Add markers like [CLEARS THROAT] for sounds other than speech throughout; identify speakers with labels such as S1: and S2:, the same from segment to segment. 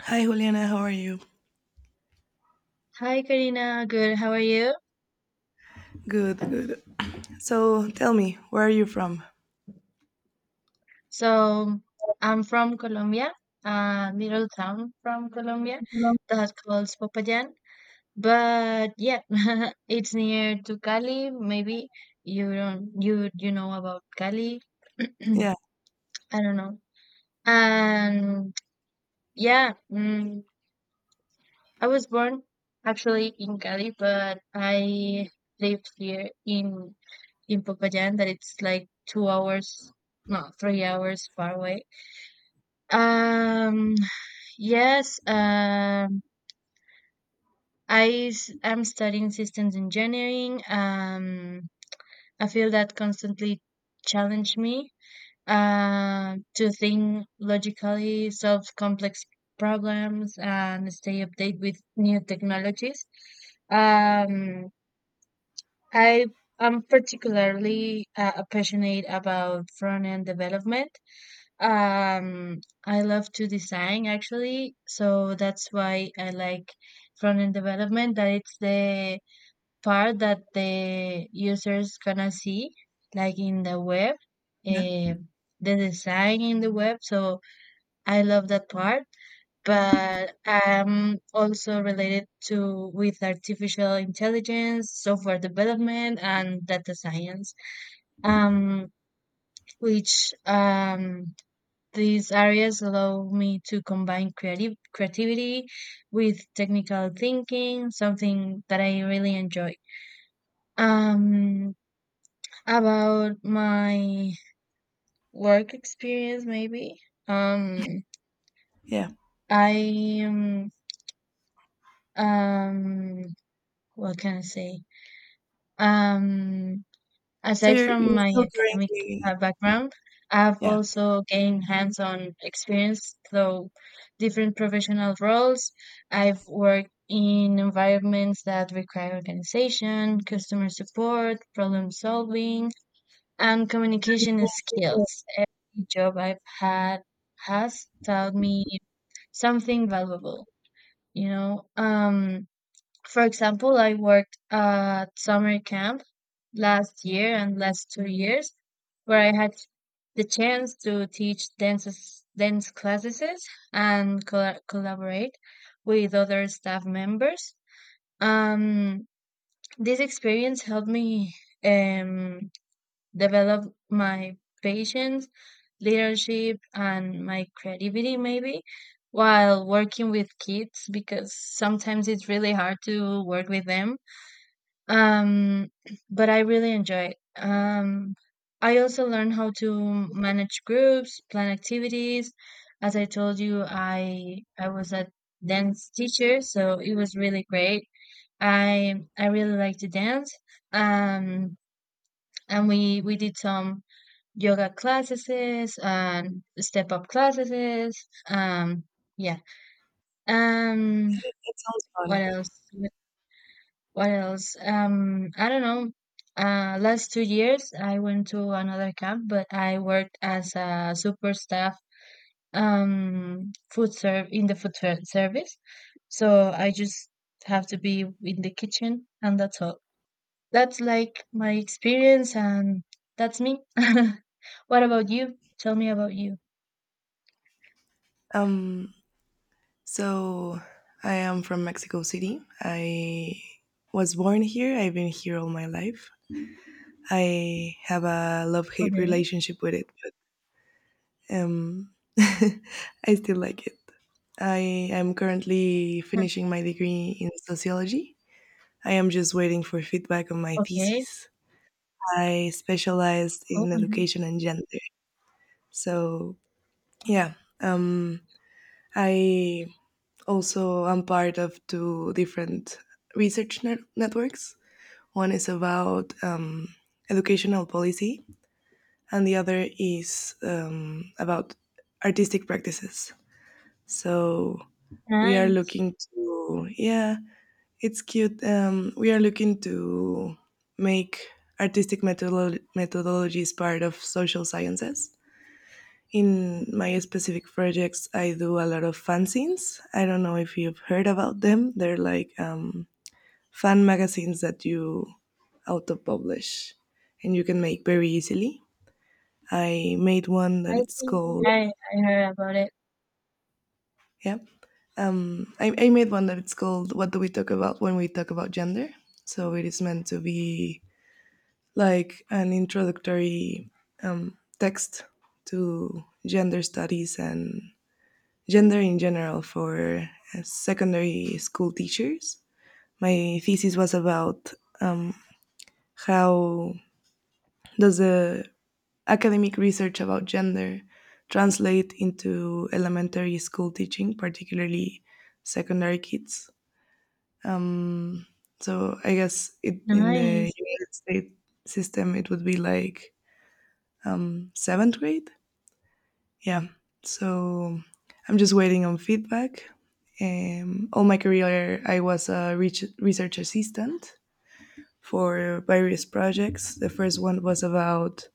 S1: Hi, Juliana. How are you?
S2: Hi, Karina, good. How are you?
S1: Good, good. So tell me, where are you from?
S2: So I'm from Colombia, a little town from Colombia that's called Popayan. But yeah, [LAUGHS] it's near to Cali. Maybe you don't you you know about Cali. [CLEARS THROAT]
S1: Yeah,
S2: I don't know. And yeah, I was born actually in Cali, but I lived here in Popayan, that it's like 2 hours, no, 3 hours far away. Um, yes, am studying systems engineering, a field that constantly challenge me to think logically, solve complex problems, and stay updated with new technologies. Um, I am particularly passionate about front-end development. Um, I love to design actually, so that's why I like front end development, that it's the part that the user's gonna see, like in the web,
S1: yeah,
S2: eh, the design in the web. So I love that part, but I'm also related to with artificial intelligence, software development, and data science, um, which these areas allow me to combine creative creativity with technical thinking, something that I really enjoy. Um, about my work experience, maybe. Um,
S1: yeah.
S2: I, um, what can I say? Um,
S1: So
S2: Aside
S1: you're
S2: from my
S1: still
S2: academic
S1: currently
S2: background, I have
S1: yeah.
S2: also gained hands on experience through different professional roles. I've worked in environments that require organization, customer support, problem solving, and communication skills. Every job I've had has taught me something valuable, you know. Um, for example, I worked at summer camp last year and last 2 years, where I had the chance to teach dances, dance classes, and collaborate with other staff members. Um, this experience helped me um, develop my patience, leadership, and my creativity, maybe, while working with kids, because sometimes it's really hard to work with them, um but I really enjoy it. I also learn how to manage groups, plan activities. As I told you, I was a dance teacher, so it was really great. I really like to dance. um and we did some yoga classes and step up classes. Yeah. um
S1: It sounds
S2: what
S1: fun.
S2: else? What else? I don't know. Last 2 years, I went to another camp, but I worked as a super staff, food serve in the food service. So I just have to be in the kitchen, and that's all. That's like my experience, and that's me. [LAUGHS] What about you? Tell me about you.
S1: Um. So I am from Mexico City. I was born here. I've been here all my life. I have a love-hate
S2: Okay.
S1: relationship with it, but um, [LAUGHS] I still like it. I am currently finishing my degree in sociology. I am just waiting for feedback on my
S2: Okay.
S1: thesis. I specialized
S2: Oh
S1: in
S2: my God.
S1: education and gender. So yeah, um, I also am part of two different networks. One is about educational policy, and the other is about artistic practices. So we are
S2: Nice.
S1: looking to yeah, it's cute. We are looking to make methodologies part of social sciences. In my specific projects, I do a lot of fanzines. I don't know if you've heard about them. They're like fan magazines that you auto publish and you can make very easily. I made one that
S2: I
S1: it's
S2: think
S1: called,
S2: I heard about it.
S1: yeah. I made one that it's called What Do We Talk About When We Talk About Gender? So it is meant to be like an introductory text to gender studies and gender in general for secondary school teachers. My thesis was about um, how does the academic research about gender translate into elementary school teaching, particularly secondary kids. Um, so I guess it, in the
S2: Nice.
S1: United States system, it would be like seventh grade. Yeah, so I'm just waiting on feedback. Um, all my career I was a research assistant for various projects. The first one was about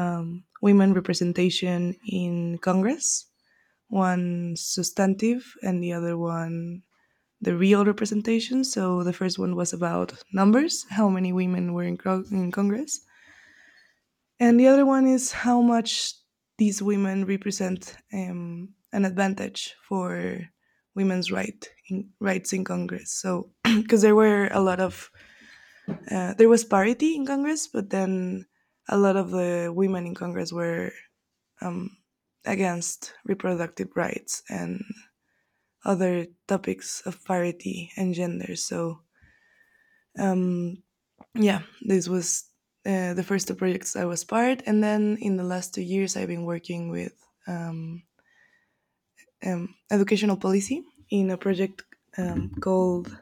S1: women representation in Congress, one substantive and the other one the real representation. So the first one was about numbers, how many women were in Congress. And the other one is how much these women represent an advantage for rights in Congress. So, because [CLEARS THROAT] there were a lot of there was parity in Congress, but then a lot of the women in Congress were um, against reproductive rights and other topics of parity and gender. So um, yeah, this was the first two projects I was part, and then in the last 2 years I've been working with um, educational policy in a project called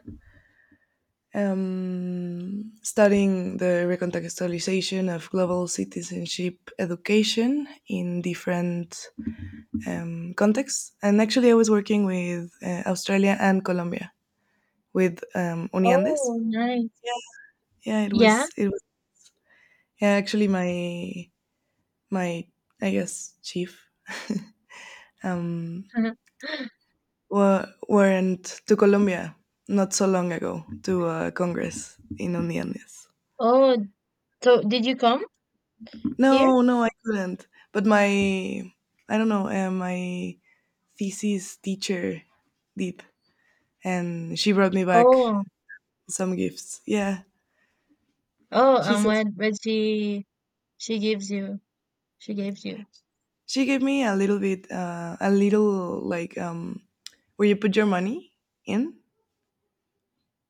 S1: studying the recontextualization of global citizenship education in different contexts. And actually, I was working with Australia and Colombia with Uniandes.
S2: Oh, nice.
S1: Yeah, yeah, it
S2: Yeah.
S1: was it was yeah, actually my I guess chief [LAUGHS] um,
S2: [LAUGHS]
S1: were, went to Colombia not so long ago to a congress in Uniones.
S2: Oh, so did you come here?
S1: No, no, I couldn't. But my I don't know my thesis teacher did, and she brought me back
S2: Oh,
S1: some gifts. Yeah,
S2: oh,
S1: she
S2: and
S1: says
S2: what she gives you? She gives you.
S1: she gave me a little bit a little like where you put your money in.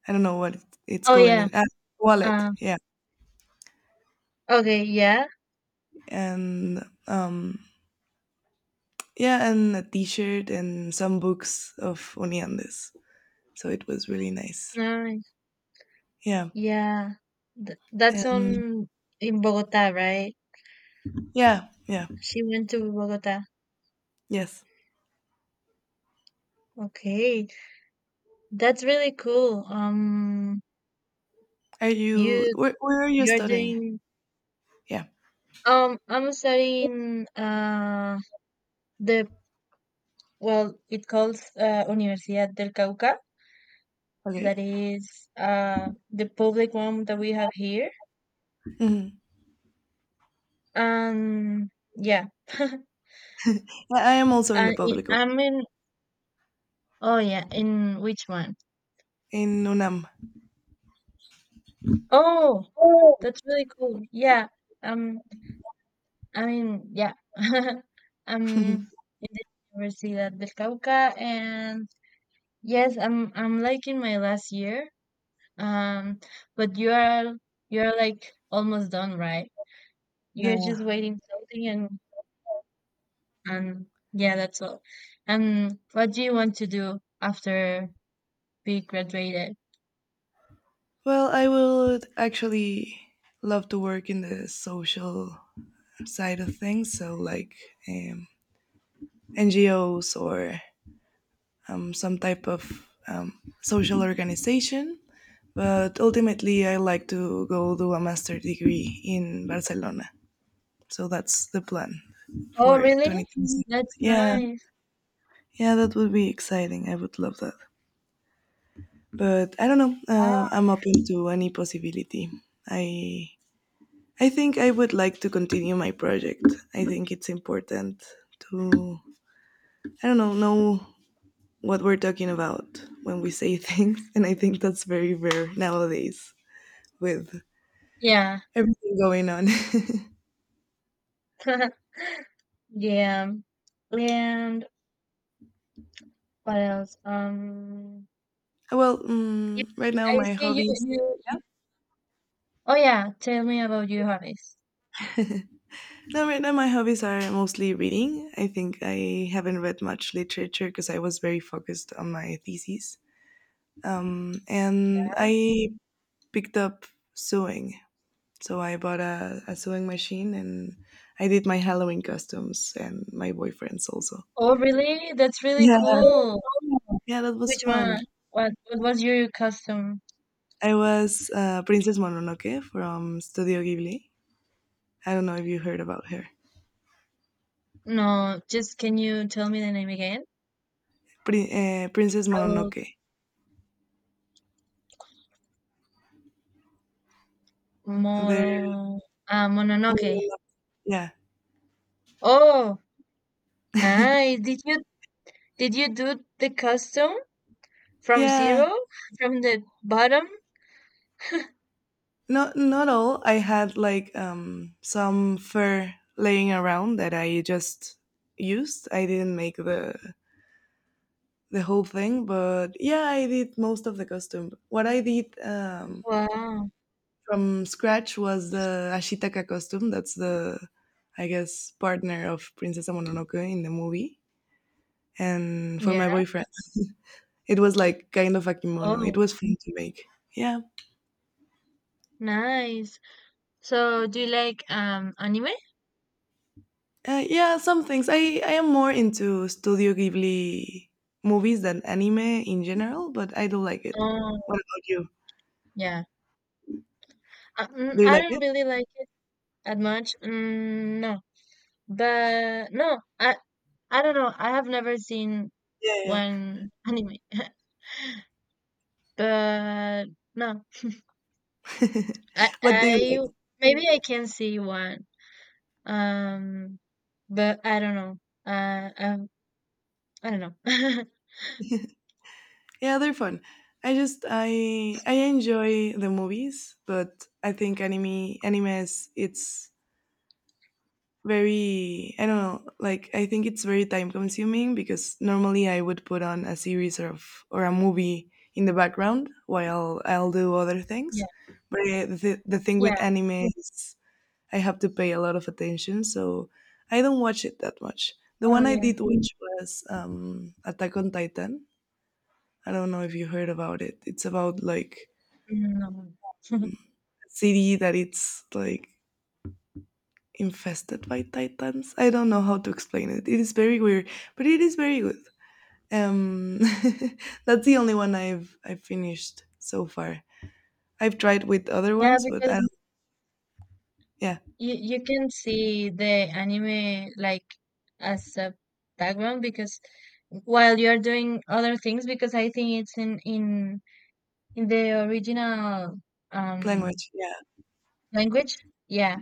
S1: I don't know what it's
S2: Oh
S1: called in
S2: yeah.
S1: Wallet.
S2: Uh,
S1: Yeah,
S2: okay. Yeah.
S1: and yeah, and a T-shirt and some books of Oniandes. So it was really nice.
S2: Nice.
S1: Yeah,
S2: Yeah. Th That's
S1: and
S2: on in Bogota, right?
S1: yeah, yeah,
S2: She went to Bogota.
S1: yes.
S2: Okay, that's really cool.
S1: Are you
S2: You
S1: where? Where are you
S2: you're
S1: studying?
S2: doing.
S1: Yeah.
S2: I'm studying. The, well, it calls Universidad del Cauca, that
S1: Okay.
S2: is the public one that we have here.
S1: Mhm.
S2: And yeah, [LAUGHS]
S1: I am also in the
S2: and
S1: public one
S2: I'm in... oh yeah, in which one?
S1: in UNAM.
S2: Oh, that's really cool, yeah. um I mean, yeah, [LAUGHS] I'm
S1: [LAUGHS]
S2: in the Universidad del Cauca, and yes, I'm like in my last year. um but you're like almost done, right? You're
S1: yeah.
S2: just waiting something, and yeah, that's all. And what do you want to do after we graduated?
S1: Well, I would actually love to work in the social side of things, so like um, NGOs or some type of social organization. But ultimately, I like to go do a master degree in Barcelona. So that's the plan
S2: Oh,
S1: for
S2: really?
S1: 2026.
S2: That's
S1: Yeah,
S2: nice.
S1: yeah, that would be exciting. I would love that. But I don't know.
S2: Wow.
S1: I'm open to any possibility. I I think I would like to continue my project. I think it's important to I don't know what we're talking about when we say [LAUGHS] things. And I think that's very rare nowadays with
S2: Yeah.
S1: everything going on.
S2: [LAUGHS] Yeah. And what else?
S1: [LAUGHS] well,
S2: Yeah,
S1: right now
S2: I
S1: my
S2: see you,
S1: hobbies.
S2: you, you. Oh yeah, tell me about your hobbies.
S1: No, right now my hobbies are mostly reading. I think I haven't read much literature because I was very focused on my thesis. And I picked up sewing. So I bought a sewing machine and I did my Halloween costumes and my boyfriend's also.
S2: Oh really? That's really
S1: Yeah,
S2: cool.
S1: yeah, that was
S2: Which
S1: fun.
S2: one? What was your custom?
S1: I was Princess Mononoke from Studio Ghibli. I don't know if you heard about her.
S2: No, just can you tell me the name again?
S1: Princess
S2: I will...
S1: Mononoke.
S2: Moro,
S1: They're,
S2: Mononoke.
S1: Monono- yeah,
S2: Oh, nice. Did you do the custom from
S1: yeah.
S2: zero, from the bottom?
S1: Not not all. I had like some fur laying around that I just used. I didn't make the whole thing, but yeah, I did most of the costume. What I did
S2: Wow.
S1: from scratch was the Ashitaka costume. That's the, I guess, partner of Princess Mononoke in the movie. And for my
S2: Yeah.
S1: boyfriend, it was like kind of a kimono.
S2: Oh,
S1: It was fun to make. Yeah.
S2: nice. So, do you like anime?
S1: Yeah, some things. I am more into Studio Ghibli movies than anime in general, but I do like it.
S2: Oh,
S1: What about you?
S2: yeah.
S1: Do you
S2: I
S1: like
S2: don't
S1: it?
S2: really like it that much. No, but no, I don't know. I have never seen
S1: Yeah,
S2: one anime, [LAUGHS] but no,
S1: yeah. [LAUGHS] what do you
S2: I
S1: like?
S2: maybe I can see one. Um, but I don't know. Uh, I I don't know. [LAUGHS]
S1: Yeah, they're fun. I just I enjoy the movies, but I think anime is it's very I don't know, like I think it's very time consuming because normally I would put on a series or a movie in the background while I'll do other things.
S2: Yeah,
S1: But the thing
S2: yeah.
S1: with anime is I have to pay a lot of attention, so I don't watch it that much. The
S2: Oh,
S1: one I
S2: yeah.
S1: did watch was Attack on Titan, I don't know if you heard about it. It's about like
S2: No.
S1: a city that it's like infested by titans. I don't know how to explain it. It is very weird, but it is very good. Um, [LAUGHS] that's the only one I've finished so far. I've tried with other
S2: Yeah,
S1: ones, but I
S2: because
S1: yeah,
S2: you can see the anime like as a background, because while you are doing other things, because I think it's in the original um
S1: language. Yeah,
S2: language. Yeah.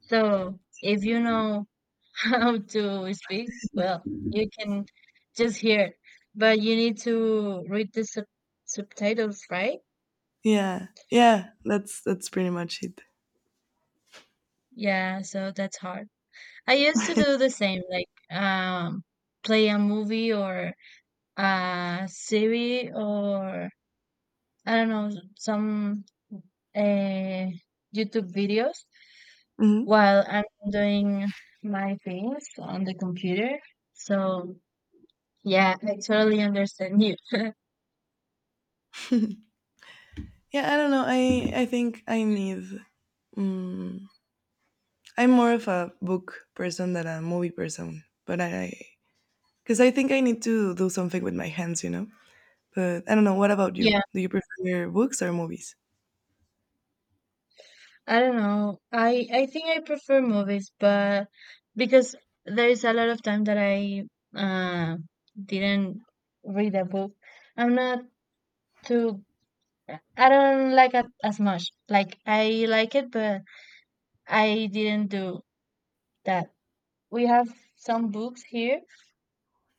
S2: So if you know [LAUGHS] how to speak, well, you can just hear it. But you need to read the subtitles, right?
S1: yeah. That's pretty much it.
S2: Yeah, so that's hard. I used to do the same, like play a movie or a series or, I don't know, some uh, YouTube videos
S1: Hmm.
S2: while I'm doing my things on the computer. So yeah, I totally understand you.
S1: Yeah, I don't know. I think I need. Mm, I'm more of a book person than a movie person, but I because I think I need to do something with my hands, you know? But I don't know. What about you?
S2: Yeah,
S1: Do you prefer books or movies?
S2: I don't know. I think I prefer movies, but because there is a lot of time that I uh, didn't read a book, I'm not too... I don't like it as much. Like, I like it, but I didn't do that. We have some books here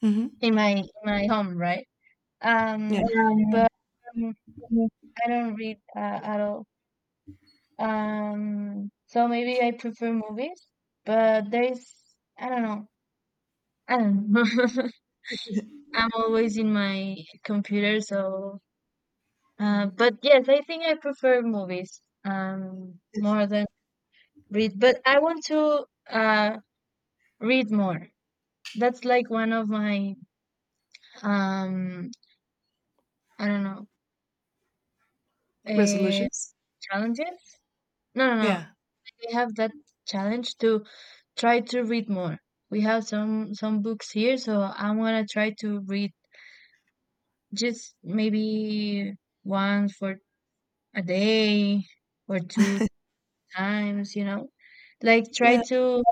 S1: Hmm.
S2: in my home, right?
S1: Yeah.
S2: Um, but um, I don't read at all. So maybe I prefer movies, but there is... I don't know. I don't know. [LAUGHS] I'm always in my computer, so but yes, I think I prefer movies more than read. But I want to read more. That's like one of my... um I don't know, uh,
S1: Resolutions?
S2: challenges. No, no, no.
S1: Yeah.
S2: We have that challenge to try to read more. We have some books here, so I wanna try to read, just maybe once for a day or two times. You know, like try
S1: Yeah.
S2: to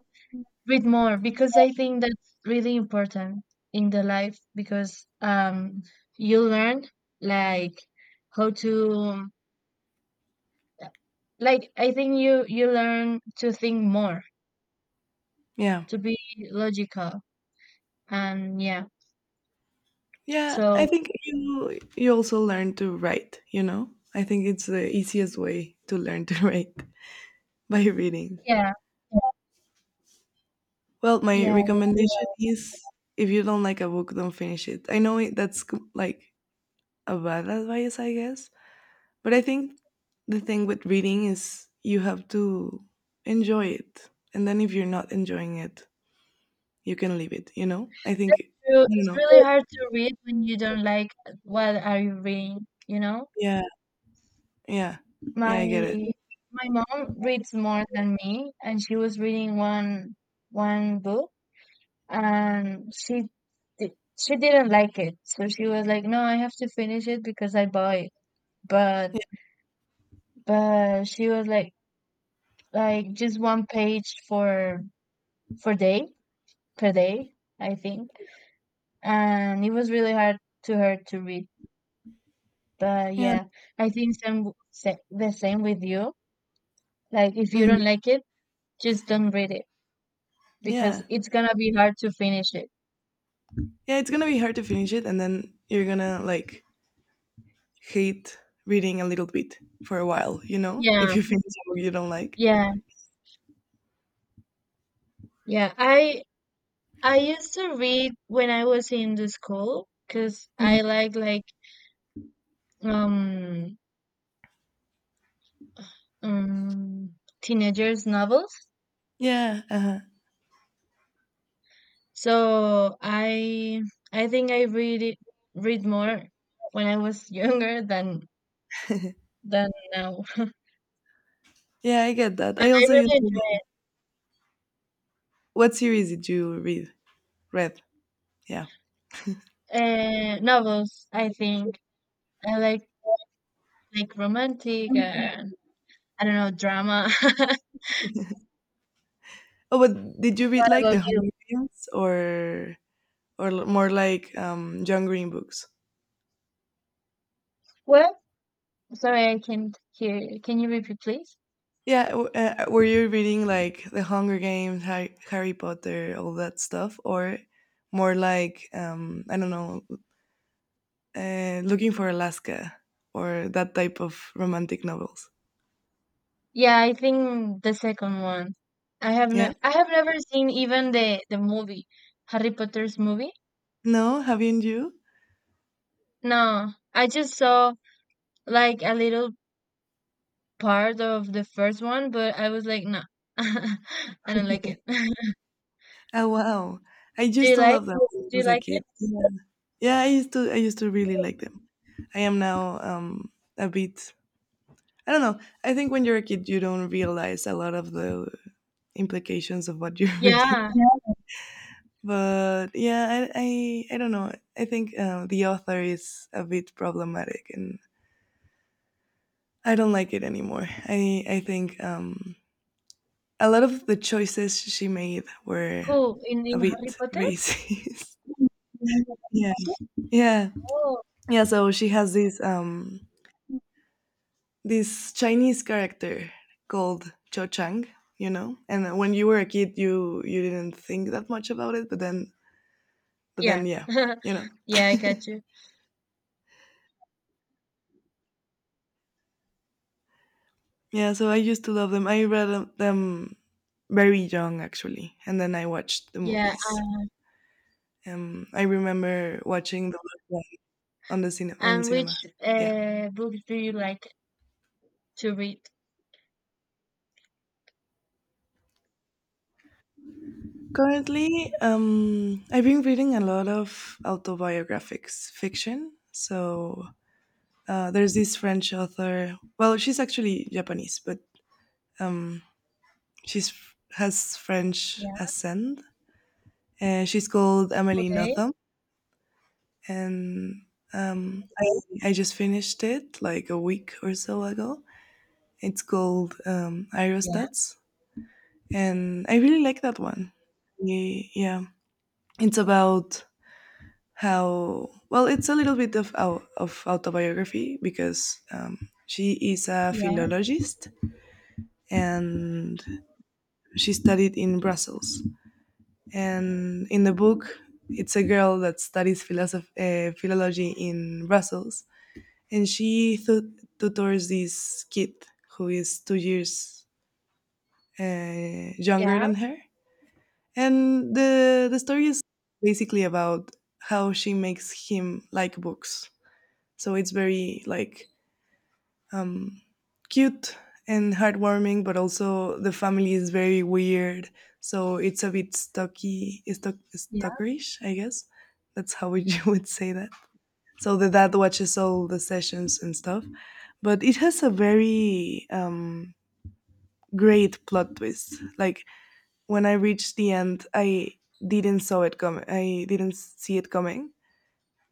S2: read more, because I think that's really important in the life, because you learn, like, how to, like, I think you learn to think more,
S1: Yeah.
S2: to be logical. And yeah,
S1: Yeah. I
S2: so
S1: think you also learn to write, you know? I think it's the easiest way to learn to [LAUGHS] write by reading.
S2: yeah,
S1: Well, my
S2: yeah.
S1: recommendation is if you don't like a book, don't finish it. I know it, that's like a bad advice, I guess, but I think the thing with reading is you have to enjoy it. And then if you're not enjoying it, you can leave it, you know? I think, I don't
S2: It's really
S1: know.
S2: hard to read when you don't like what are you reading.
S1: Yeah, yeah, yeah,
S2: my
S1: I get it.
S2: my mom reads more than me, and she was reading one book, and she didn't like it. So she was like, "No, I have to finish it because I bought it." But
S1: Yeah,
S2: but she was like just one page for day per day, I think, and it was really hard to her to read. But
S1: yeah,
S2: yeah, I think the same with you. Like, if you
S1: mhm,
S2: don't like it, just don't read it, because
S1: yeah.
S2: it's gonna be hard to finish it.
S1: Yeah, it's gonna be hard to finish it, and then you're gonna like hate reading a little bit for a while, you know? If
S2: Yeah,
S1: you finish a book you don't like.
S2: yeah, yeah. I used to read when I was in the school, because
S1: Mhm.
S2: I like um um teenagers novels.
S1: Yeah, uh-huh.
S2: So I think I read more when I was [LAUGHS] younger than now. [LAUGHS]
S1: Yeah, I get that.
S2: And
S1: I
S2: I
S1: also used
S2: really
S1: to. What series did you read? Read, yeah.
S2: enjoy novels. I think I like romantic.
S1: [LAUGHS]
S2: I don't know, drama. [LAUGHS] What
S1: Oh, but did you read like the
S2: about you?
S1: Hollywoodians or more like John Green books?
S2: Well, sorry, I can't hear. Can you repeat, please?
S1: Yeah, were you reading like The Hunger Games, Harry Potter, all that stuff, or more like I don't know, Looking for Alaska or that type of romantic novels?
S2: Yeah, I think the second one.
S1: Yeah,
S2: I have never seen even the movie, Harry Potter's movie.
S1: no, haven't you?
S2: No, I just saw like a little part of the first one, but I was like, no, [LAUGHS] I don't like it. [LAUGHS]
S1: Oh wow, I
S2: Do
S1: used
S2: you
S1: to love
S2: like?
S1: them when I
S2: Do you
S1: was a
S2: like
S1: kid.
S2: it?
S1: Yeah, yeah I used to really like them. I am now a bit I don't know. I think when you're a kid, you don't realize a lot of the implications of what you're [LAUGHS] reading.
S2: Yeah,
S1: But yeah, I don't know. I think the author is a bit problematic, and I don't like it anymore. I think a lot of the choices she made were
S2: cool. In
S1: a
S2: in Harry
S1: bit
S2: Potter?
S1: racist. [LAUGHS] yeah, yeah,
S2: Oh,
S1: yeah. So she has this this Chinese character called Cho Chang, you know. And when you were a kid, you didn't think that much about it, but then
S2: yeah,
S1: yeah,
S2: [LAUGHS]
S1: you know.
S2: yeah, I
S1: [LAUGHS]
S2: got you.
S1: yeah, so I used to love them. I read them very young actually, and then I watched the
S2: Yeah,
S1: movies. I remember watching the Last One on
S2: and
S1: cinema.
S2: which
S1: Yeah.
S2: books do you like to read?
S1: Currently, I've been reading a lot of autobiographics fiction. So there's this French author. Well, she's actually Japanese, but um, she's has French
S2: Yeah.
S1: ascent, and she's called Amélie
S2: Okay.
S1: Nothomb. And I just finished it like a week or so ago. It's called
S2: Yeah.
S1: Aerostats, and I really like that one. Yeah, it's about how well it's a little bit of autobiography because she is a
S2: Yeah.
S1: philologist and she studied in Brussels. And in the book, it's a girl that studies philology in Brussels, and she tutors this kid who is 2 years younger
S2: Yeah.
S1: than her. And the story is basically about how she makes him like books. So it's very like um, cute and heartwarming, but also the family is very weird, so it's a bit
S2: Yeah.
S1: stalkerish, I guess. That's how [LAUGHS] would say that. So the dad watches all the sessions and stuff, but it has a very great plot twist. Like when I reached the end, I didn't saw it coming. I didn't see it coming,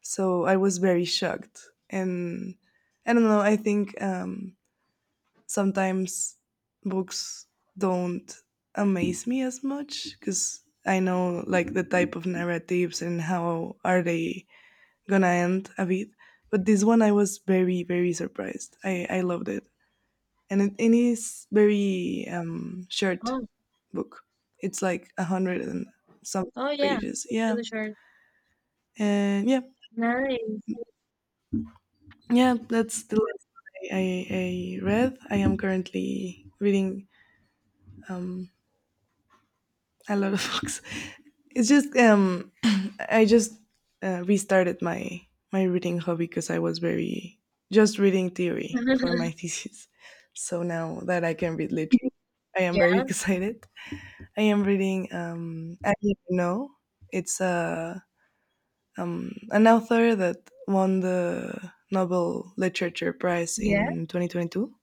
S1: so I was very shocked. And I don't know. I think sometimes books don't amaze me as much because I know like the type of narratives and how are they gonna end a bit. But this one I was very surprised. I loved it, and it is very short
S2: Oh.
S1: book. It's like a hundred and something
S2: Oh yeah,
S1: pages.
S2: it's
S1: Yeah,
S2: really short.
S1: and yeah,
S2: Nice.
S1: yeah. That's the last one I read. I am currently reading um a lot of [LAUGHS] books. It's just I just restarted my reading hobby because I was very just reading theory for my [LAUGHS] thesis. So now that I can read literature, I am
S2: Yeah,
S1: very [LAUGHS] excited. I am reading I Didn't know it's an author that won the Nobel Literature Prize
S2: yeah,
S1: in 2022,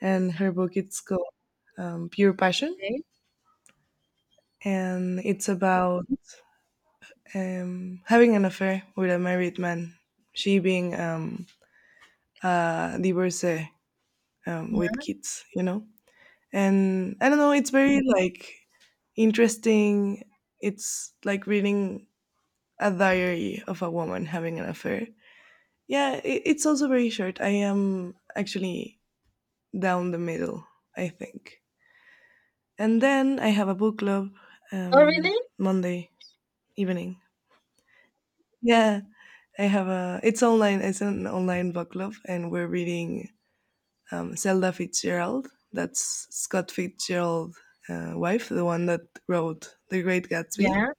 S1: and her book it's called Pure Passion,
S2: okay.
S1: and it's about having an affair with a married man, she being a divorcee with
S2: Yeah.
S1: kids, you know? And I don't know, it's very like interesting. It's like reading a diary of a woman having an affair. Yeah, it's also very short. I am actually down the middle, I think. And then I have a book club
S2: Oh really?
S1: Monday evening. Yeah, I have a. It's online. It's an online book club, and we're reading Zelda Fitzgerald. That's Scott Fitzgerald's wife, the one that wrote The Great Gatsby.
S2: Yeah,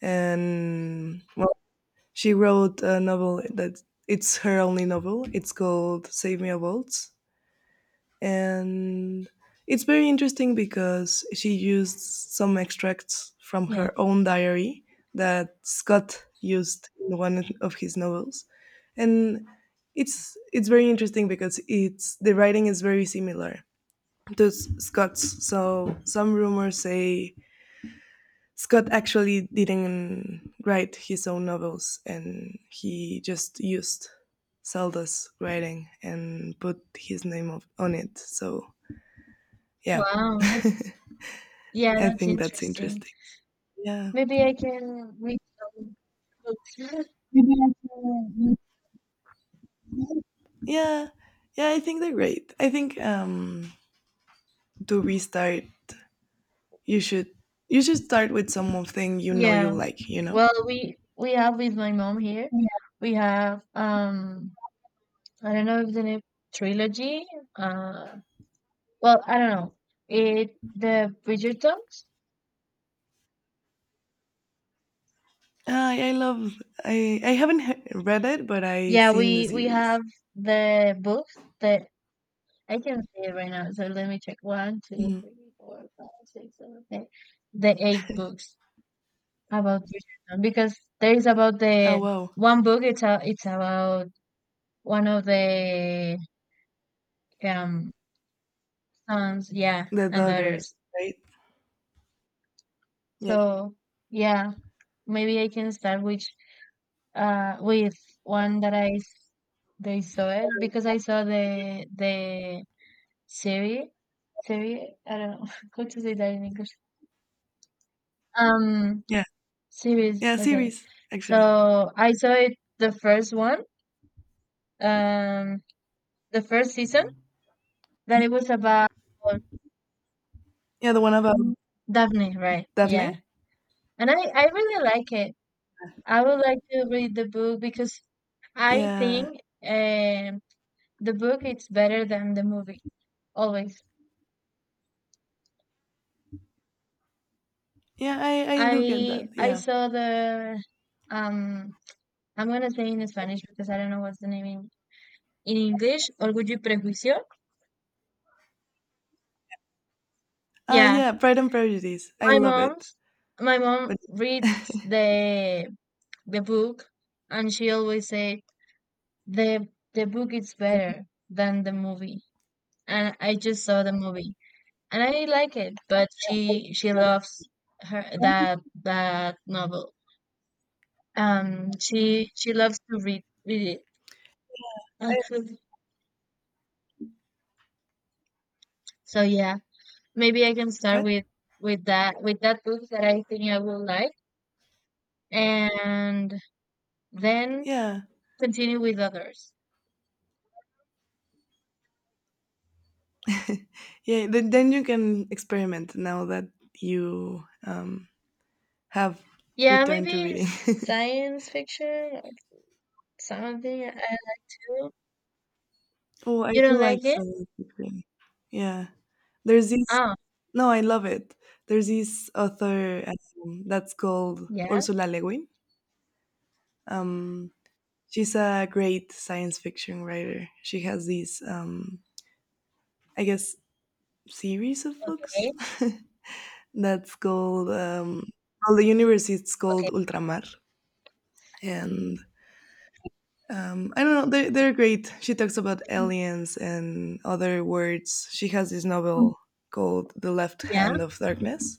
S1: And well, she wrote a novel that it's her only novel. It's called Save Me a Waltz. And it's very interesting because she used some extracts from
S2: yeah.
S1: her own diary that Scott used in one of his novels, and it's very interesting because it's the writing is very similar to Scott's. So some rumors say Scott actually didn't write his own novels, and he just used Zelda's writing and put his name on it. So yeah.
S2: Wow, that
S1: [LAUGHS]
S2: yeah,
S1: I
S2: that's
S1: think that's
S2: interesting.
S1: interesting. Yeah.
S2: Maybe I can read some books. [LAUGHS]
S1: Yeah. Yeah, I think they're great. I think to restart you should you should start with something you know you
S2: Yeah.
S1: like, you know?
S2: Well, we have with my mom here. We have, I don't know if the name, trilogy. Uh, well, I don't know. It, the Bridgertons.
S1: I love I haven't read it, but I
S2: Yeah,
S1: seen the
S2: we
S1: series.
S2: have the books. The I can see it right now. So let me check. One, two,
S1: Mhm.
S2: three, four, five, six, seven, eight. The eight books about Bridgerton, because there is about
S1: Oh
S2: the
S1: wow.
S2: one book. It's about one of the um sons, yeah,
S1: The
S2: and
S1: daughters,
S2: daughters.
S1: right? Yeah.
S2: So yeah, maybe I can start with one that they saw it, because I saw the series series. I don't know [LAUGHS] how to say that in English. Um,
S1: Yeah.
S2: Series.
S1: Yeah,
S2: Okay.
S1: series actually.
S2: So I saw it the first one, um, the first season, that it was about
S1: Yeah, the one about. Mhm.
S2: Daphne, right? Yeah.
S1: Daphne?
S2: And I really like it. I would like to read the book, because I think
S1: Yeah.
S2: um the book it's better than the movie always.
S1: Yeah, I do get that.
S2: I
S1: Yeah.
S2: saw the... um I'm gonna say in Spanish because I don't know what's the name in, English. Orgullo y Prejuicio. Yeah,
S1: Yeah, Pride and Prejudice. I
S2: My
S1: love it.
S2: mom's my
S1: But
S2: mom reads
S1: [LAUGHS]
S2: the book, and she always say the the book is better than the movie. And I just saw the movie and I like it, but she loves her that novel. She loves to read it [LAUGHS]
S1: I
S2: actually. So yeah, maybe I can start
S1: what?
S2: with that book that I think I will like, and then
S1: Yeah,
S2: continue with others.
S1: [LAUGHS] yeah. Then you can experiment now that you have
S2: Yeah,
S1: returned to
S2: maybe
S1: reading. [LAUGHS]
S2: science fiction or something. I don't know.
S1: Oh, I
S2: You
S1: do
S2: don't
S1: like
S2: like it?
S1: Silent Green. Yeah, there's this.
S2: Oh,
S1: No, I love it. There's this author that's called
S2: yeah.
S1: Ursula Le Guin. Um, she's a great science fiction writer. She has these, I guess, series of books
S2: Okay.
S1: [LAUGHS] that's called well, the universe is called
S2: Okay.
S1: Ultramar, and I don't know. They're great. She talks about
S2: Hmm.
S1: aliens and other words. She has this novel called The Left
S2: Yeah.
S1: Hand of Darkness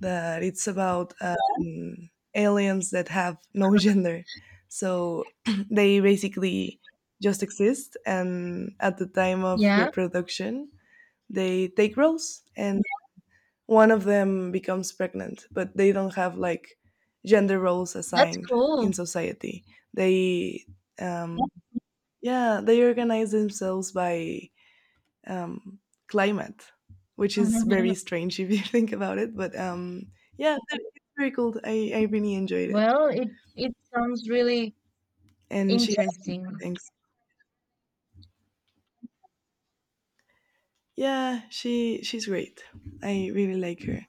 S1: that it's about aliens that have no [LAUGHS] gender. So [CLEARS THROAT] they basically just exist. And at the time of
S2: Yeah.
S1: reproduction, they take roles and one of them becomes pregnant, but they don't have like gender roles
S2: That's
S1: assigned in
S2: cool.
S1: society. They um, yeah, they organize themselves by um, climate, which is very
S2: [LAUGHS]
S1: strange if you [LAUGHS] think about it. But yeah, it's very cool. I really enjoyed it,
S2: Well, it sounds really
S1: and she
S2: interesting.
S1: thanks. Yeah, she's great. I really like her.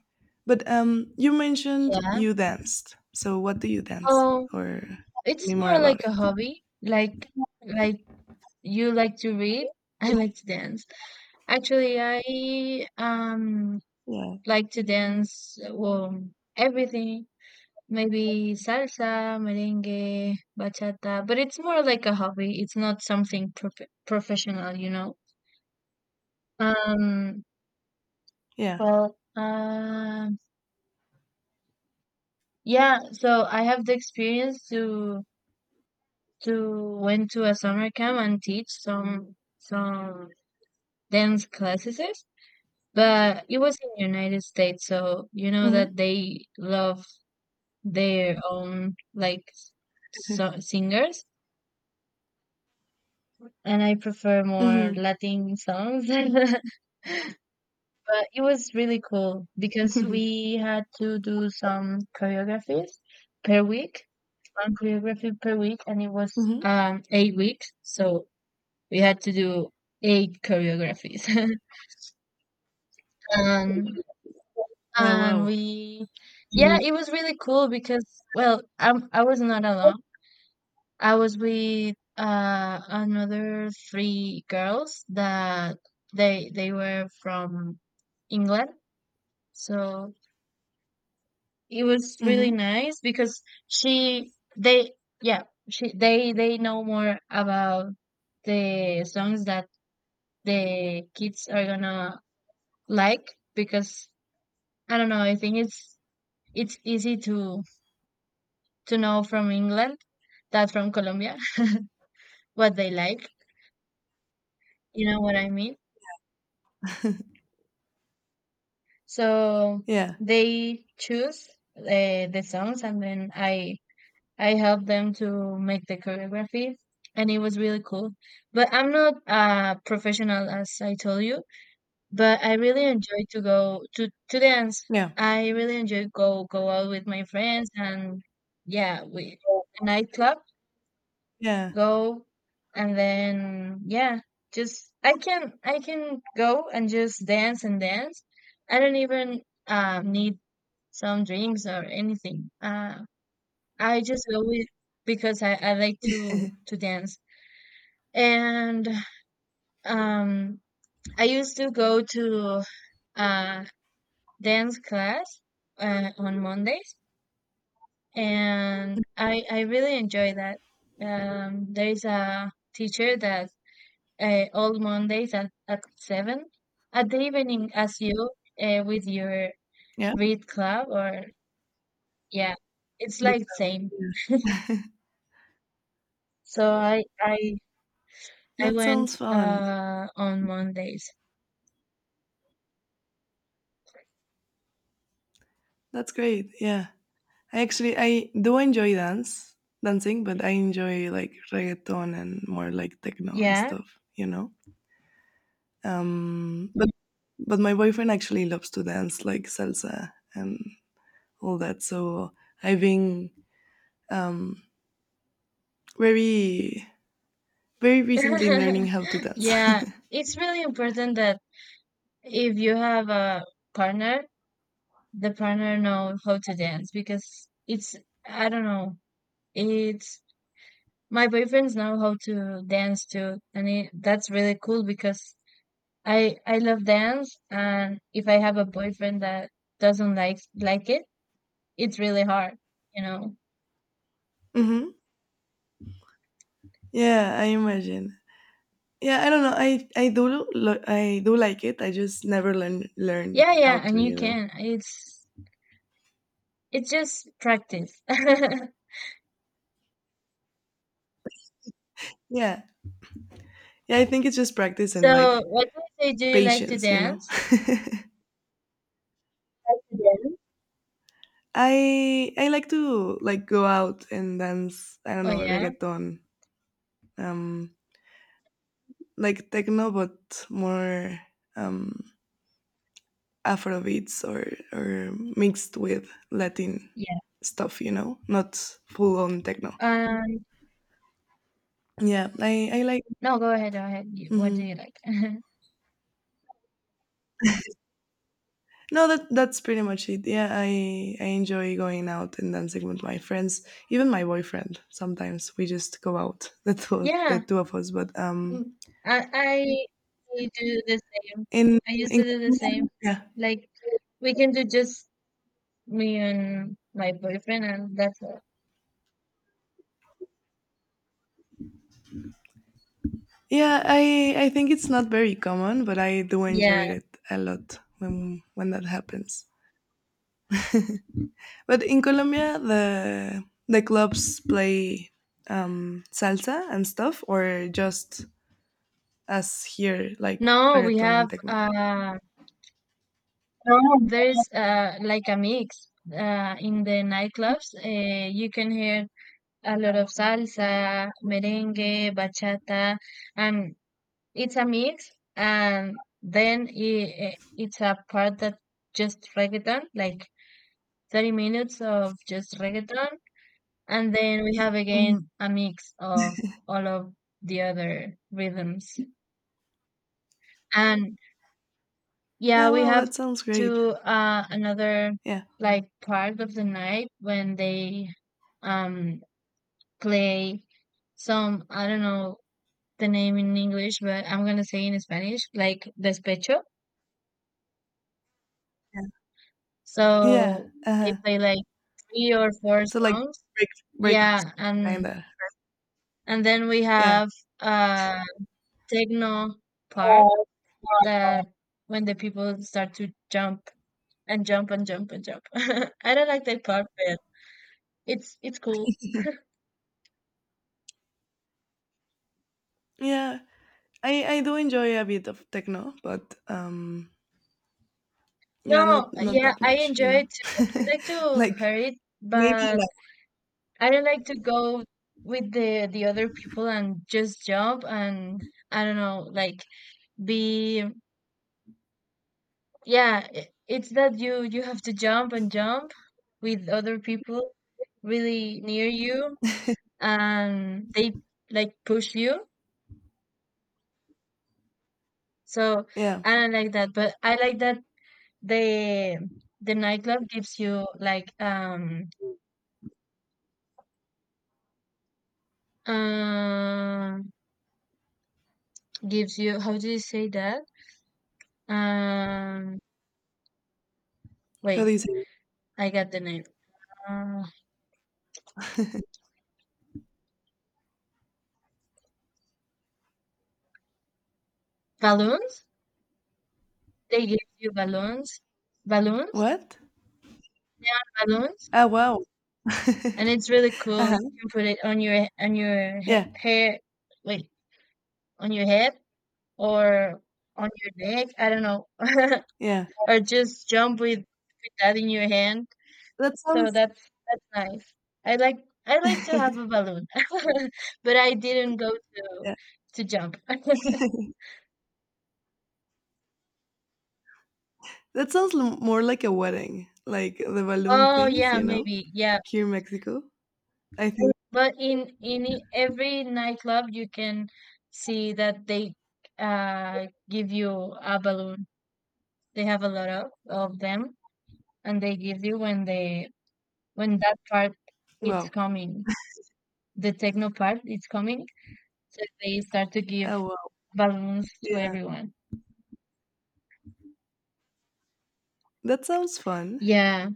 S1: But you mentioned
S2: Yeah.
S1: you danced. So what do you dance,
S2: Oh,
S1: or tell me
S2: it's
S1: more
S2: more like
S1: about
S2: a
S1: it?
S2: hobby. Like you like to read, [LAUGHS] I like to dance. Actually, I
S1: Yeah.
S2: like to dance, well, everything. Maybe salsa, merengue, bachata, but it's more like a hobby. It's not something professional, you know. Um,
S1: Yeah.
S2: well, um, yeah, so I have the experience to went to a summer camp and teach some dance classes, but it was in the United States, so you know
S1: Mhm.
S2: that they love their own like
S1: [LAUGHS]
S2: singers, and I prefer more
S1: Mhm.
S2: Latin songs. [LAUGHS] But it was really cool
S1: [LAUGHS]
S2: because
S1: Mhm.
S2: we had to do some choreographies per week, one choreography per week, and it was
S1: Mhm.
S2: eight weeks, so we had to do eight choreographies. [LAUGHS] And
S1: Oh,
S2: and
S1: wow.
S2: we yeah,
S1: Mhm.
S2: it was really cool because well, I was not alone. I was with another three girls that they were from England. So it was really
S1: Mhm.
S2: nice because she they yeah, she they know more about the songs that the kids are gonna like because I don't know, I think it's easy to know from England that from Colombia [LAUGHS] what they like. You know what I mean? So
S1: Yeah.
S2: they choose uh, the songs, and then I help them to make the choreography, and it was really cool. But I'm not a professional, as I told you, but I really enjoy to go to dance.
S1: Yeah.
S2: I really enjoy go out with my friends, and yeah, we a nightclub
S1: Yeah.
S2: go and then yeah, just I can go and just dance and dance. I don't even need some drinks or anything, I just go with because I like to dance. And um I used to go to uh dance class, on mondays, and i really enjoy that. There is a teacher that all Mondays at 7 at the evening, as you with your
S1: Yeah.
S2: read club or yeah, it's
S1: Book
S2: like same.
S1: club, yeah. [LAUGHS]
S2: So I
S1: That
S2: went
S1: sounds fun.
S2: on Mondays.
S1: That's great. Yeah. I do enjoy dance dancing, but I enjoy like reggaeton and more like techno and
S2: Yeah.
S1: stuff, you know? Um but but my boyfriend actually loves to dance like salsa and all that. So I've been um very very recently learning
S2: [LAUGHS]
S1: how to dance.
S2: Yeah,
S1: [LAUGHS]
S2: it's really important that if you have a partner, the partner know how to dance because it's, I don't know, it's, my boyfriends know how to dance too, and it, that's really cool because I love dance, and if I have a boyfriend that doesn't like it, it's really hard, you know.
S1: Hmm. Yeah, I imagine. Yeah, I don't know. I do like it. I just never learned
S2: Yeah,
S1: how
S2: yeah,
S1: to,
S2: and you
S1: you know.
S2: can. It's just practice. [LAUGHS]
S1: Yeah. Yeah, I think it's just practice and
S2: So,
S1: like
S2: what do you say? Do you like to
S1: patience, you know.
S2: dance?
S1: [LAUGHS] I like to like go out and dance, I don't
S2: Oh
S1: know,
S2: yeah,
S1: reggaeton, um like techno but more um afro beats or mixed with Latin
S2: yeah.
S1: stuff, you know, not full on techno.
S2: Um,
S1: Yeah, I like
S2: no, go ahead, go ahead. You- What do
S1: mhm.
S2: you like? [LAUGHS]
S1: No, that that's pretty much it. Yeah, I enjoy going out and dancing with my friends, even my boyfriend. Sometimes we just go out, [LAUGHS] the
S2: Yeah,
S1: two of us. But
S2: mm, I, I I do the same.
S1: in
S2: I used
S1: in
S2: to do the same.
S1: yeah
S2: Like we can do just me and my boyfriend, and that's all.
S1: yeah I think it's not very common, but I do enjoy
S2: Yeah.
S1: it a lot when that happens. But in Colombia, the clubs play salsa and stuff, or just as here like
S2: No, we
S1: reggaeton and
S2: have
S1: techno.
S2: there's like a mix in the nightclubs. You can hear a lot of salsa, merengue, bachata, and it's a mix. And then it's a part that just reggaeton, like 30 minutes of just reggaeton, and then we have
S1: Mhm.
S2: again a mix of all of the other rhythms. And
S1: Yeah,
S2: yeah, we
S1: well,
S2: have
S1: that sounds great.
S2: to another
S1: Yeah.
S2: like part of the night when they um play some, I don't know the name in English, but I'm gonna say in Spanish, like despecho.
S1: Yeah. Yeah,
S2: So they
S1: uh-huh.
S2: play like three or four
S1: So, like,
S2: songs.
S1: break breakups,
S2: Yeah,
S1: kinda.
S2: and then we
S1: Yeah.
S2: have uh techno part that when the people start to jump and jump and jump and jump. [LAUGHS] I don't like that part, but it's cool.
S1: Yeah. I do enjoy a bit of techno, but,
S2: No,
S1: yeah, not not
S2: yeah,
S1: that
S2: I
S1: much, you know?
S2: enjoy it too. I
S1: [LAUGHS]
S2: like to
S1: Like,
S2: hear it,
S1: maybe
S2: but
S1: like
S2: I don't like to go with the other people and just jump, and I don't know, like be, yeah, it's that you have to jump and jump with other people really near you, and they like push you. So
S1: yeah.
S2: I don't like that, but I like that the the nightclub gives you like um gives you, how do you say that? Um,
S1: How do
S2: wait,
S1: you say it?
S2: I got the name. Uh, balloons. They give you balloons, balloons,
S1: What?
S2: balloons,
S1: Oh, wow. [LAUGHS]
S2: and it's really cool. You
S1: Uh-huh.
S2: can put it on your
S1: Yeah,
S2: hair. Wait, on your head or on your neck. I don't know, [LAUGHS]
S1: yeah.
S2: or just jump with that in your hand.
S1: That
S2: So
S1: sounds
S2: that's nice. I like to have a
S1: [LAUGHS]
S2: balloon, [LAUGHS] but I didn't go to
S1: yeah.
S2: jump. [LAUGHS]
S1: That sounds l more like a wedding, like the balloon
S2: Oh
S1: things,
S2: yeah,
S1: you know,
S2: maybe. Yeah.
S1: here in Mexico, I think.
S2: But in every nightclub you can see that they give you a balloon. They have a lot of them, and they give you when they when that part it's
S1: Wow.
S2: coming. The techno part it's coming. So they start to give
S1: Oh, wow.
S2: balloons to
S1: Yeah.
S2: everyone.
S1: That sounds fun.
S2: Yeah.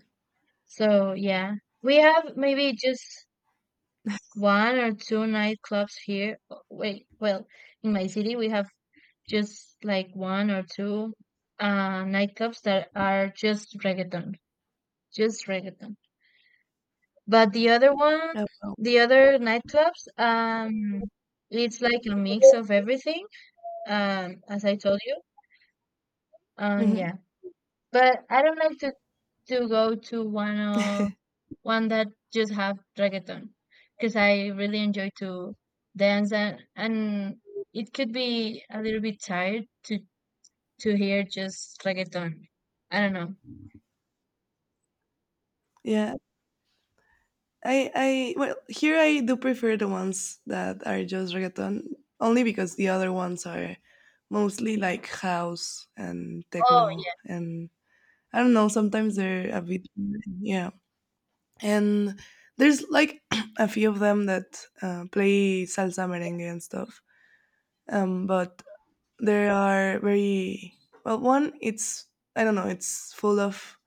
S2: So yeah. We have maybe just one or two nightclubs here. Oh, wait, well, in my city we have just like one or two nightclubs that are just reggaeton, just reggaeton. But the other one,
S1: Oh, wow.
S2: the other nightclubs, it's like a mix of everything, as I told you.
S1: Hmm.
S2: Yeah, but I don't like to go to one of one that just have reggaeton because I really enjoy to dance and it could be a little bit tired to hear just reggaeton. I don't know.
S1: Yeah, I, well, here I do prefer the ones that are just reggaeton, only because the other ones are mostly like house and
S2: Oh
S1: techno,
S2: yeah,
S1: and I don't know, sometimes they're a bit, yeah. And there's like [CLEARS THROAT] a few of them that play salsa,
S2: yeah.
S1: merengue, and stuff. But there are very, well, one, it's, I don't know, it's full of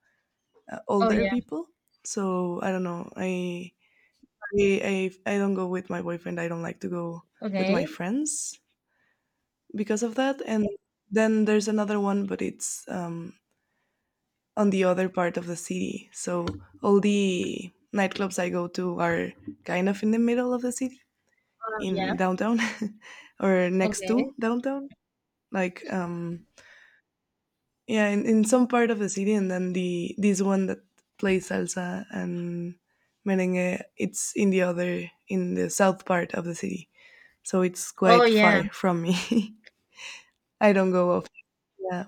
S2: Oh
S1: older
S2: yeah.
S1: people. So I don't know, I don't go with my boyfriend. I don't like to go with
S2: Okay.
S1: my friends because of that. And then there's another one, but it's on the other part of the city. So all the nightclubs I go to are kind of in the middle of the city,
S2: Oh yeah.
S1: in downtown, [LAUGHS] or next
S2: Okay.
S1: to downtown. Like yeah, in some part of the city. And then the this one that plays salsa and merengue, it's in the other in the south part of the city so it's
S2: Oh
S1: quite
S2: yeah.
S1: far from me. [LAUGHS] I don't go often. Yeah,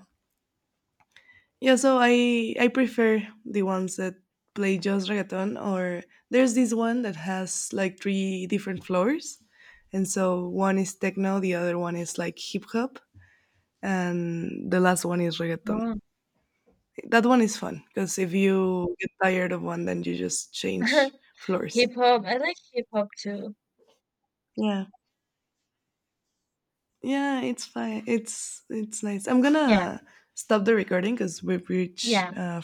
S1: yeah. So I prefer the ones that play just reggaeton, or there's this one that has like three different floors, and so one is techno, the other one is like hip hop, and the last one is reggaeton.
S2: Oh.
S1: That one is fun because if you get tired of one, then you just change
S2: [LAUGHS]
S1: floors.
S2: Hip hop. I like hip hop too.
S1: Yeah. Yeah, it's fine. It's nice. I'm
S2: Yeah.
S1: gonna stop the recording because we've reached
S2: Yeah.
S1: uh,